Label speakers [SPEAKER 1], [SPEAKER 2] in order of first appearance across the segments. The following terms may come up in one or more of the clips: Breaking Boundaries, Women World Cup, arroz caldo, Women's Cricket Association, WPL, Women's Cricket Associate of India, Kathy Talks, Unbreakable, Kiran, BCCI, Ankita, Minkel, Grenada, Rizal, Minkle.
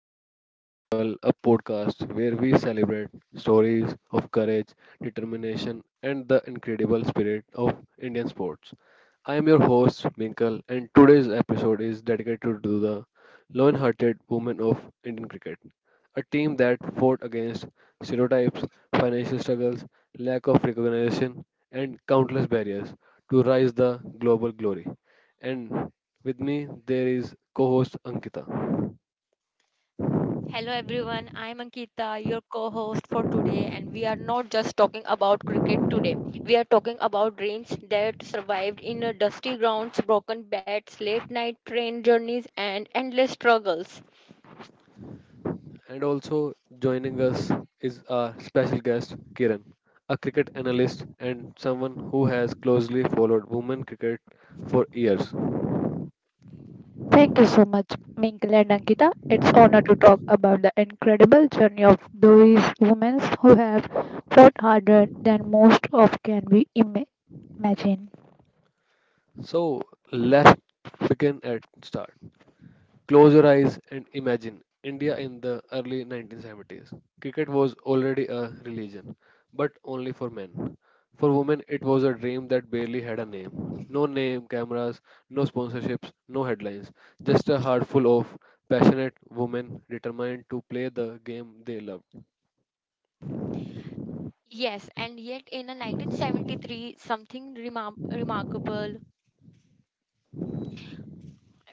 [SPEAKER 1] to the Unbreakable, a podcast where we celebrate stories of courage, determination, and the incredible spirit of Indian sports. I am your host, Minkle, and today's episode is dedicated to the loyal hearted women of Indian cricket, a team that fought against stereotypes, financial struggles, lack of recognition, and countless barriers to rise the global glory. And with me, there is co host Ankita.
[SPEAKER 2] Hello everyone, I'm Ankita, your co-host for today, and we are not just talking about cricket today. We are talking about dreams that survived in a dusty grounds, broken bats, late night train journeys, and endless struggles.
[SPEAKER 1] And also joining us is our special guest, Kiran, a cricket analyst and someone who has closely followed women cricket for years.
[SPEAKER 3] Thank you so much, Minkel and Ankita. It's honor to talk about the incredible journey of these women who have fought harder than most of can be imagined.
[SPEAKER 1] So let's begin at start. Close your eyes and imagine India in the early 1970s. Cricket was already a religion, but only for men. For women, it was a dream that barely had a name. No name, cameras, no sponsorships, no headlines. Just a heart full of passionate women determined to play the game they loved.
[SPEAKER 2] Yes, and yet in a 1973 something remarkable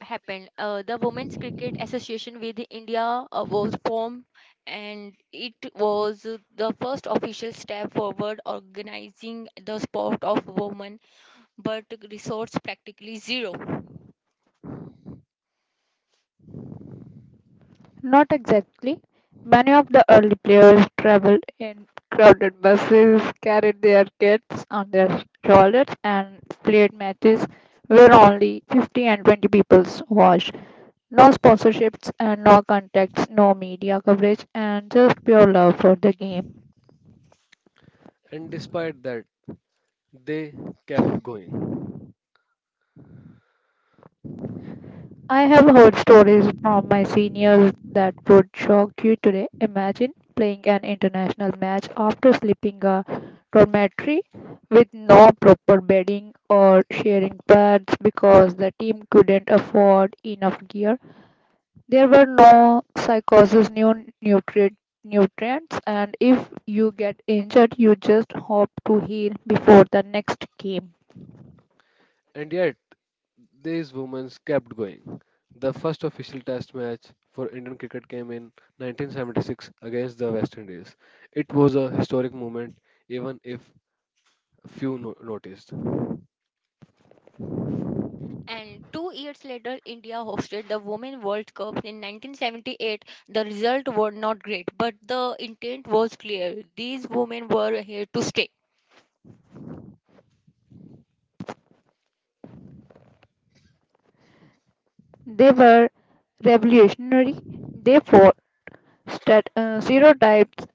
[SPEAKER 2] happened. The Women's Cricket Association with India was formed, and it was the first official step forward organizing the sport of women, but resource practically zero.
[SPEAKER 3] Not exactly. Many of the early players traveled in crowded buses, carried their kids on their shoulders, and played matches where only 50 and 20 people watched. No sponsorships and no contacts, no media coverage, and just pure love for the game.
[SPEAKER 1] And despite that, they kept going.
[SPEAKER 3] I have heard stories from my seniors that would shock you today. Imagine playing an international match after sleeping a dormitory with no proper bedding or sharing pads because the team couldn't afford enough gear. There were no psychosis new nutrient nutrients, and if you get injured you just hope to heal before the next game.
[SPEAKER 1] And yet, these women kept going. The first official test match for Indian cricket came in 1976 against the West Indies. It was a historic moment, even if few noticed.
[SPEAKER 2] And 2 years later, India hosted the Women World Cup in 1978. The result were not great, but the intent was clear. These women were here to stay.
[SPEAKER 3] They were revolutionary. They for stereotypes,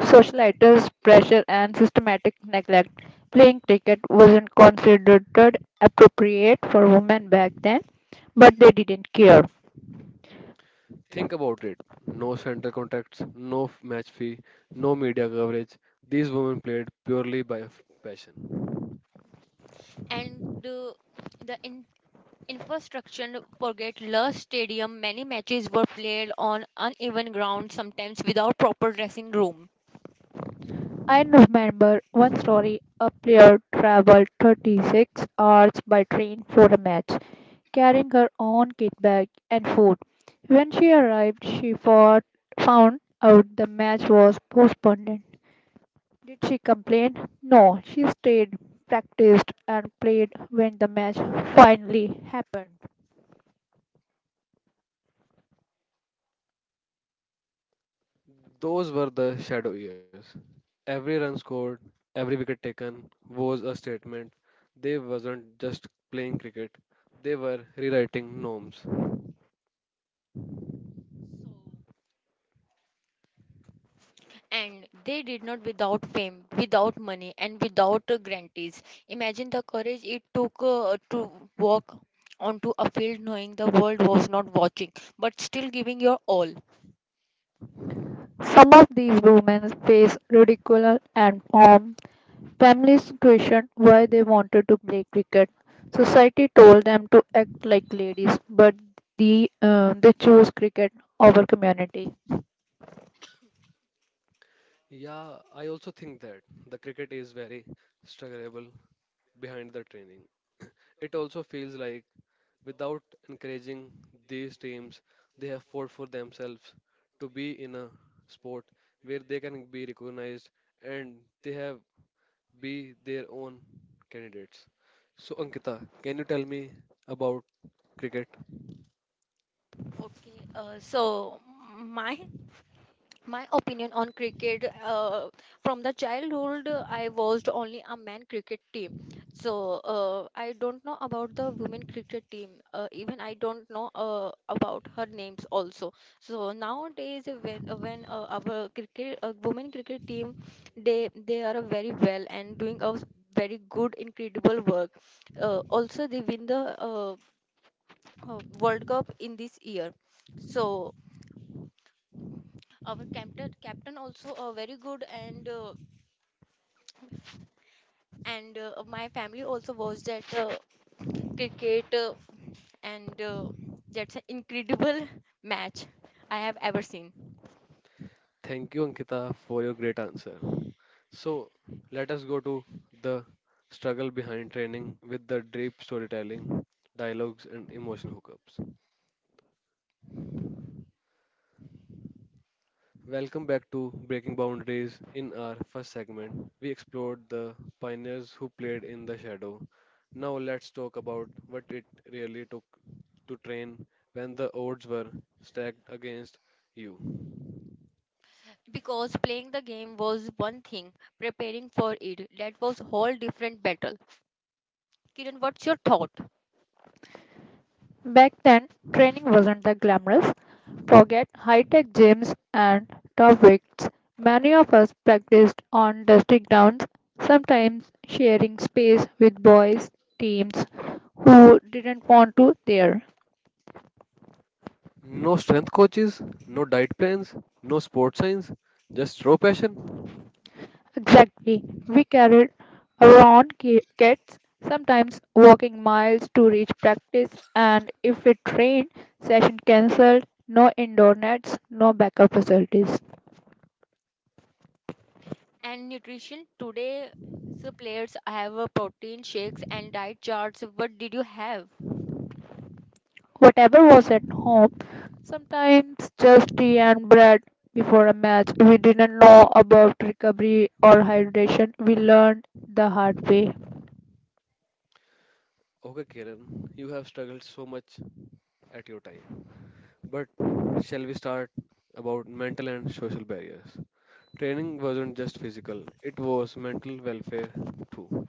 [SPEAKER 3] socialites, pressure, and systematic neglect. Playing cricket wasn't considered appropriate for women back then, but they didn't care.
[SPEAKER 1] Think about it, no central contracts, no match fee, no media coverage. These women played purely by passion.
[SPEAKER 2] And the infrastructure forget lush stadium. Many matches were played on uneven ground, sometimes without proper dressing room.
[SPEAKER 3] I remember one story a player traveled 36 hours by train for a match, carrying her own kit bag and food. When she arrived, she fought, found out the match was postponed. Did she complain? No, she stayed, practiced, and played when the match finally happened.
[SPEAKER 1] Those were the shadow years. Every run scored, every wicket taken was a statement. They wasn't just playing cricket, they were rewriting norms.
[SPEAKER 2] And they did not without fame, without money, and without grantees. Imagine the courage it took to walk onto a field knowing the world was not watching, but still giving your all.
[SPEAKER 3] Some of these women face ridicule and harm. Families questioned why they wanted to play cricket. Society told them to act like ladies, but they chose cricket over community.
[SPEAKER 1] Yeah, I also think that the cricket is very strugglable behind the training. It also feels like without encouraging these teams, they have fought for themselves to be in a sport where they can be recognized and they have be their own candidates. So, Ankita, can you tell me about cricket?
[SPEAKER 2] Okay, so my my opinion on cricket, from the childhood, I watched only a men cricket team, so I don't know about the women cricket team, even I don't know about her names also. So nowadays, when our cricket, women cricket team, they are very well and doing very good incredible work. Also they win the uh, world cup in this year. So our captain also, very good, and my family also watched that, cricket, and that's an incredible match I have ever seen.
[SPEAKER 1] Thank you, Ankita, for your great answer. So, let us go to the struggle behind training with the deep storytelling, dialogues, and emotional hookups. Welcome back to Breaking Boundaries. In our first segment, we explored the pioneers who played in the shadow. Now let's talk about what it really took to train when the odds were stacked against you.
[SPEAKER 2] Because playing the game was one thing, preparing for it, that was whole different battle. Kiran, what's your thought?
[SPEAKER 3] Back then, training wasn't that glamorous. Forget high tech gyms and top weights. Many of us practiced on dusty grounds, sometimes sharing space with boys' teams who didn't want to there.
[SPEAKER 1] No strength coaches, no diet plans, no sports science, just raw passion.
[SPEAKER 3] Exactly. We carried around kits, sometimes walking miles to reach practice, and if it rained, session cancelled, no indoor nets, no backup facilities.
[SPEAKER 2] And nutrition today, the players have protein shakes and diet charts. What did you have?
[SPEAKER 3] Whatever was at home, sometimes just tea and bread before a match. We didn't know about recovery or hydration. We learned the hard way.
[SPEAKER 1] Okay, Kiran, you have struggled so much at your time. But shall we start about mental and social barriers? Training wasn't just physical, it was mental welfare too.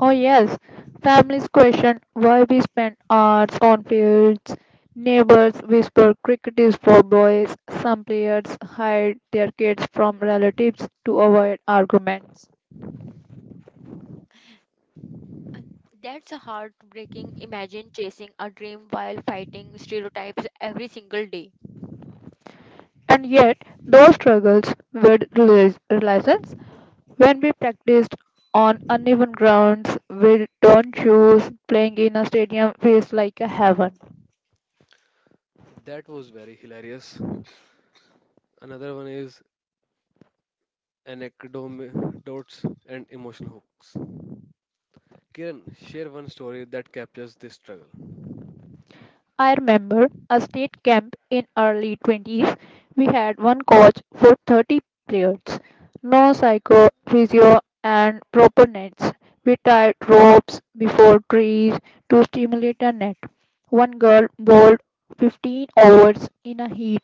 [SPEAKER 3] Oh yes, families question why we spend hours on fields. Neighbors whisper cricket is for boys. Some players hide their kids from relatives to avoid arguments.
[SPEAKER 2] That's a heartbreaking. Imagine chasing a dream while fighting stereotypes every single day.
[SPEAKER 3] And yet, those struggles were realizations. When we practiced on uneven grounds with torn shoes, playing in a stadium feels like a heaven.
[SPEAKER 1] That was very hilarious. Another one is anecdotes and emotional hooks. Kiran, share one story that captures this struggle.
[SPEAKER 3] I remember a state camp in early 20s. We had one coach for 30 players. No psycho, physio and proper nets. We tied ropes before trees to stimulate a net. One girl bowled 15 overs in a heat,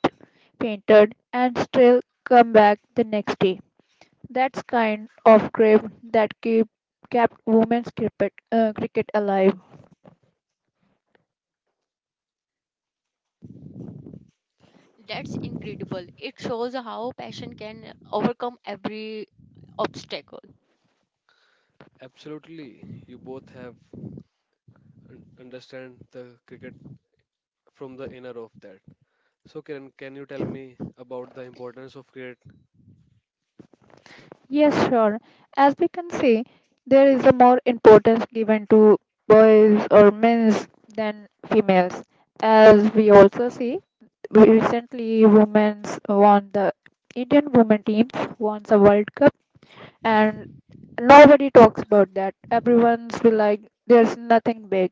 [SPEAKER 3] fainted and still come back the next day. That's kind of grip that keep kept women's cricket alive.
[SPEAKER 2] That's incredible. It shows how passion can overcome every obstacle.
[SPEAKER 1] Absolutely, you both have understand the cricket from the inner of that. So Kiran, can you tell me about the importance of cricket?
[SPEAKER 3] Yes, sure. As we can see, there is a more importance given to boys or men's than females. As we also see, recently women's won the Indian women teams won the World Cup, and nobody talks about that. Everyone's be like, there's nothing big.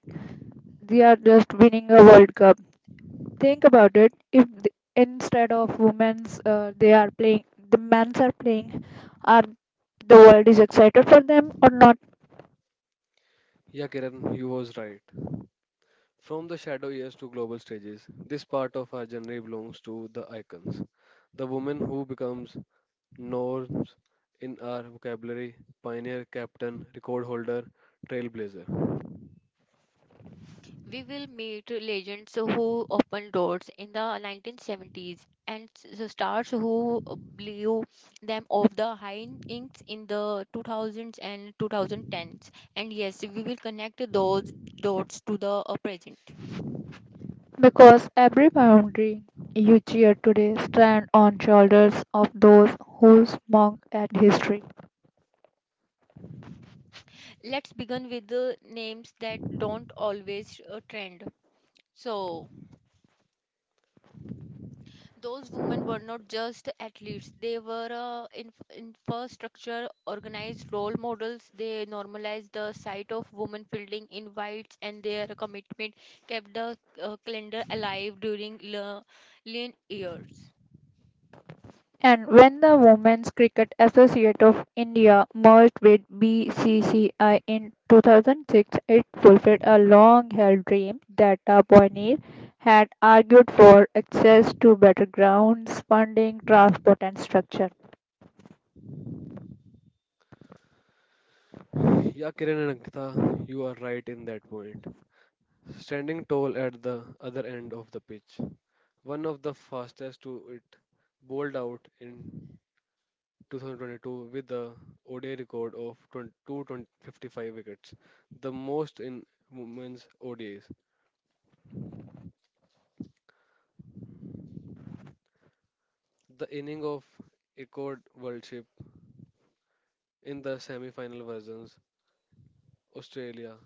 [SPEAKER 3] They are just winning a World Cup. Think about it, if instead of women's they are playing, the men's are playing, are the world is excited for them or not?
[SPEAKER 1] Yeah, Kiran, you was right. From the shadow years to global stages, this part of our journey belongs to the icons, the woman who becomes norms in our vocabulary, pioneer, captain, record holder, trailblazer.
[SPEAKER 2] We will meet legends who opened doors in the 1970s and the stars who blew them off the high inks in the 2000s and 2010s. And yes, we will connect those dots to the present.
[SPEAKER 3] Because every boundary you cheer today stand on shoulders of those who smog at history.
[SPEAKER 2] Let's begin with the names that don't always trend. So, those women were not just athletes, they were infrastructure organized role models. They normalized the sight of women fielding invites, and their commitment kept the calendar alive during lean years.
[SPEAKER 3] And when the Women's Cricket Associate of India merged with BCCI in 2006, it fulfilled a long held dream that the pioneer had argued for access to better grounds, funding, transport, and structure.
[SPEAKER 1] Yeah, Kiran and Ankita, you are right in that point. Standing tall at the other end of the pitch, one of the fastest to it, bowled out in 2022 with the ODI record of 255 wickets, the most in women's ODIs. The inning of record World Cup in the semi-final versus Australia,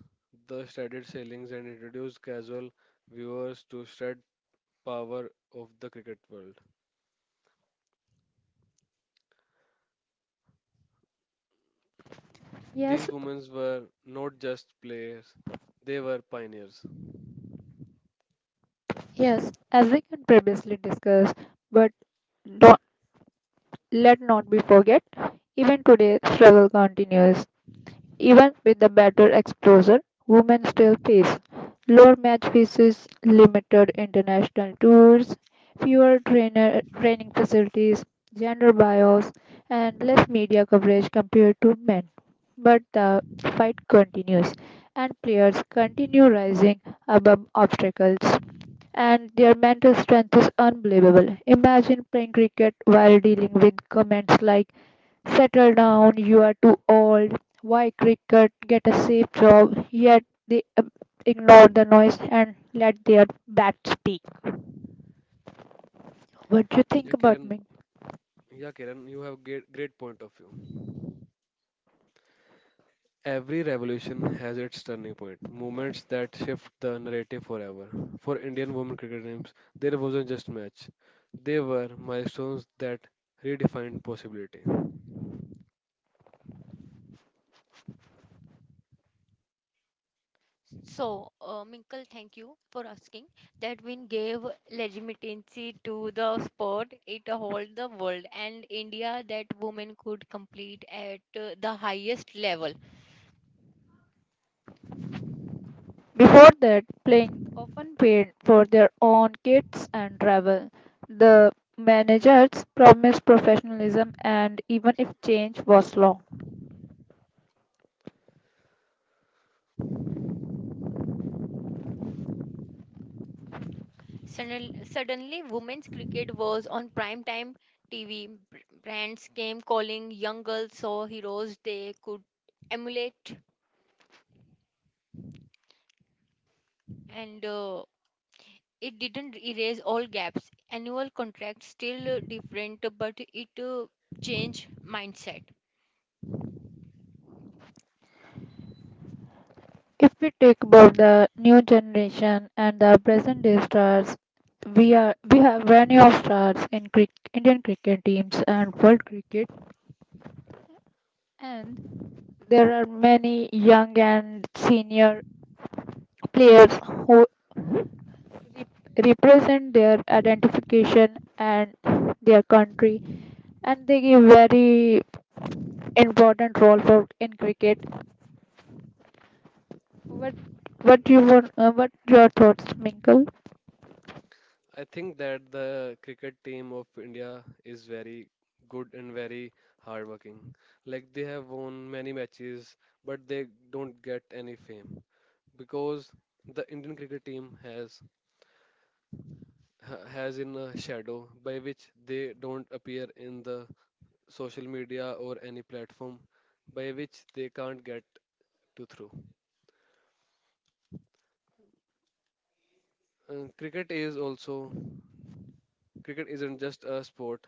[SPEAKER 1] the shredded sailings and introduced casual viewers to shred power of the cricket world. These
[SPEAKER 3] Yes,
[SPEAKER 1] women were not just players; they were pioneers.
[SPEAKER 3] Yes, as we can previously discuss, but don't, let not be forget, even today struggle continues. Even with the better exposure, women still face lower match fees, limited international tours, fewer trainer training facilities, gender bias, and less media coverage compared to men. But the fight continues, and players continue rising above obstacles, and their mental strength is unbelievable. Imagine playing cricket while dealing with comments like, "Settle down, you are too old. Why cricket? Get a safe job." Yet they ignore the noise and let their bat speak. What do you think
[SPEAKER 1] Yeah,
[SPEAKER 3] about
[SPEAKER 1] Kiran.
[SPEAKER 3] me?
[SPEAKER 1] Yeah, Kiran, you have great, great point of view. Every revolution has its turning point, moments that shift the narrative forever. For Indian women cricket teams, there wasn't just match; they were milestones that redefined possibility.
[SPEAKER 2] So, Minkle, thank you for asking. That win gave legitimacy to the sport. It hold the world and India that women could compete at the highest level.
[SPEAKER 3] Before that, playing often paid for their own kits and travel. The managers promised professionalism and even if change was slow.
[SPEAKER 2] Suddenly, women's cricket was on prime time TV. Brands came calling, young girls saw heroes they could emulate, and it didn't erase all gaps. Annual contracts still different, but it changed mindset.
[SPEAKER 3] If we take about the new generation and the present day stars, we have many of stars in Indian cricket teams and world cricket, and there are many young and senior players who represent their identification and the country, and they give very important role for in cricket. What what you want? What your thoughts, Minkle?
[SPEAKER 1] I think that the cricket team of India is very good and very hardworking. Like they have won many matches, but they don't get any fame because the Indian cricket team has has in a shadow by which they don't appear in the social media or any platform by which they can't get to through. Cricket is also cricket isn't just a sport;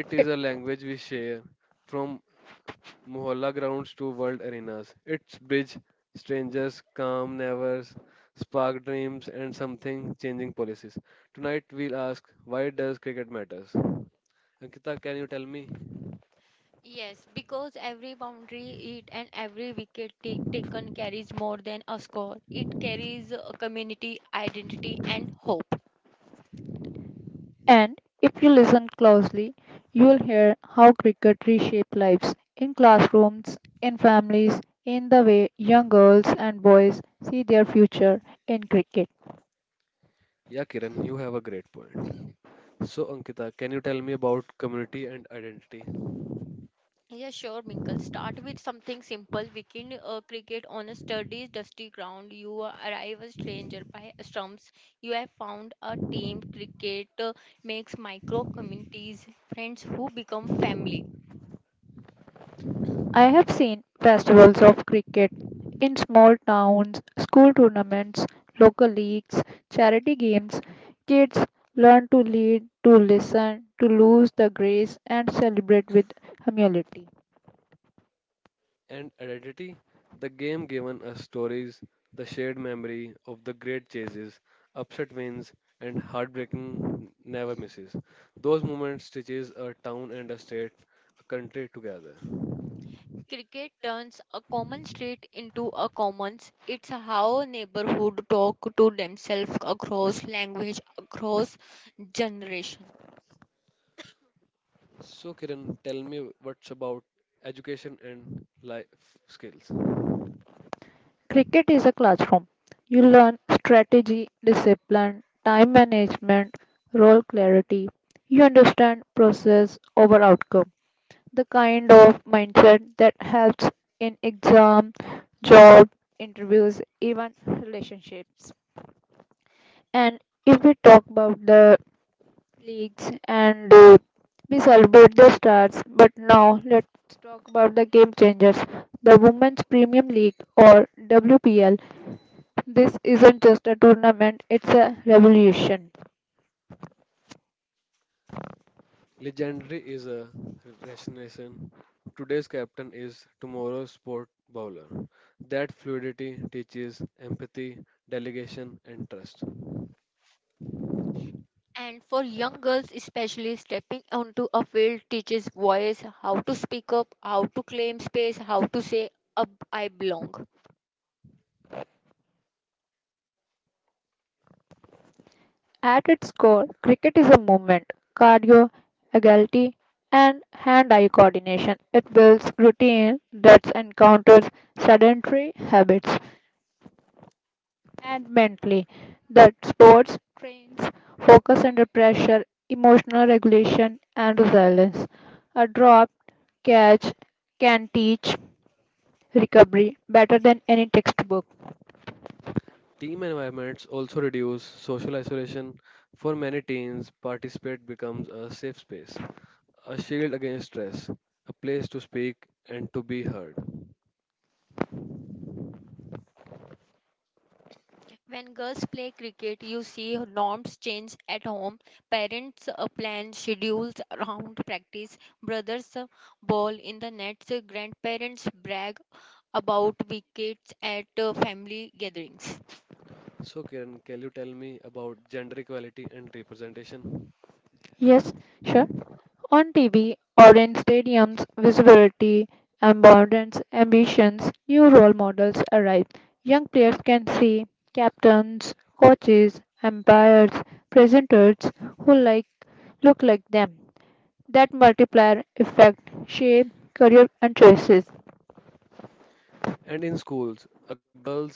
[SPEAKER 1] it is a language we share from mohalla grounds to world arenas. It's bridge strangers, calm neighbors, spark dreams, and something changing policies. Tonight we'll ask why does cricket matters. Ankita, can you tell me?
[SPEAKER 2] Yes, because every boundary hit and every wicket taken carries more than a score. It carries a community identity and hope.
[SPEAKER 3] And if you listen closely, you'll hear how cricket reshaped lives in classrooms, in families, in the way young girls and boys see their future in cricket.
[SPEAKER 1] Yeah, Kiran, you have a great point. So, Ankita, can you tell me about community and identity?
[SPEAKER 2] Yeah, sure, Minkle. Start with something simple. Weekend cricket on a sturdy, dusty ground. You arrive a stranger by stumps. You have found a team. Cricket makes micro communities, friends who become family.
[SPEAKER 3] I have seen festivals of cricket in small towns, school tournaments, local leagues, charity games. Kids learn to lead, to listen, to lose the grace, and celebrate with humility.
[SPEAKER 1] And identity, the game given us stories, the shared memory of the great chases, upset wins, and heartbreaking never misses. Those moments stitches a town and a state, a country together.
[SPEAKER 2] Cricket turns a common street into a commons. It's how neighborhood talk to themselves across language, across generation.
[SPEAKER 1] So Kiran, tell me what's about education and life skills.
[SPEAKER 3] Cricket is a classroom. You learn strategy, discipline, time management, role clarity. You understand process over outcome, the kind of mindset that helps in exam, job, interviews, even relationships. And if we talk about the leagues and we celebrate the stars, but now let's talk about the game changers. The Women's Premium League or WPL. This isn't just a tournament, it's a revolution.
[SPEAKER 1] Legendary is a resignation. Today's captain is tomorrow's sport bowler. That fluidity teaches empathy, delegation, and trust.
[SPEAKER 2] And for young girls, especially stepping onto a field teaches boys how to speak up, how to claim space, how to say, "Ab I belong."
[SPEAKER 3] At its core, cricket is a movement, cardio, agility, and hand eye coordination. It builds routine that encounters sedentary habits, and mentally, that sports trains focus under pressure, emotional regulation, and resilience. A dropped catch can teach recovery better than any textbook.
[SPEAKER 1] Team environments also reduce social isolation. For many teens, participate becomes a safe space, a shield against stress, a place to speak and to be heard.
[SPEAKER 2] When girls play cricket, you see norms change at home. Parents plan schedules around practice. Brothers ball in the nets. Grandparents brag about wickets at family gatherings.
[SPEAKER 1] So, Kiran, can you tell me about gender equality and representation?
[SPEAKER 3] Yes, sure. On TV or in stadiums, visibility, abundance, ambitions, new role models arrive. Young players can see captains, coaches, umpires, presenters who look like them. That multiplier effect shape career and choices.
[SPEAKER 1] And in schools, a girls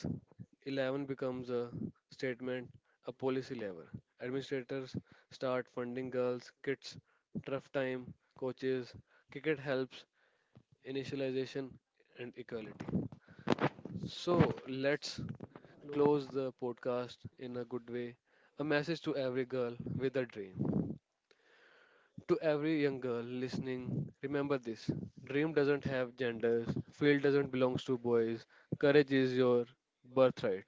[SPEAKER 1] 11 becomes a statement, a policy level. Administrators start funding girls, kids, tough time, coaches, cricket helps, initialization, and equality. So let's close the podcast in a good way. A message to every girl with a dream. Every young girl listening, remember this. Dream doesn't have genders, field doesn't belong to boys, courage is your birthright.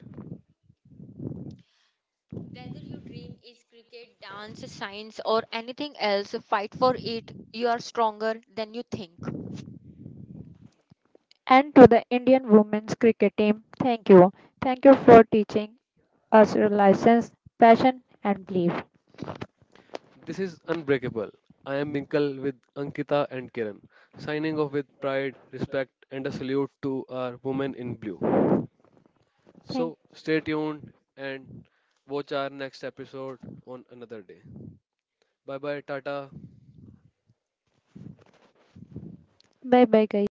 [SPEAKER 2] Is cricket dance, science, or anything else? Fight for it. You are stronger than you think.
[SPEAKER 3] And to the Indian women's cricket team, thank you. Thank you for teaching us your license, passion and belief.
[SPEAKER 1] This is Unbreakable. I am Minkal with Ankita and Kiran, signing off with pride, respect, and a salute to our women in blue.
[SPEAKER 3] Thank
[SPEAKER 1] So stay tuned and watch our next episode on another day. Bye bye, Tata.
[SPEAKER 3] bye bye guys.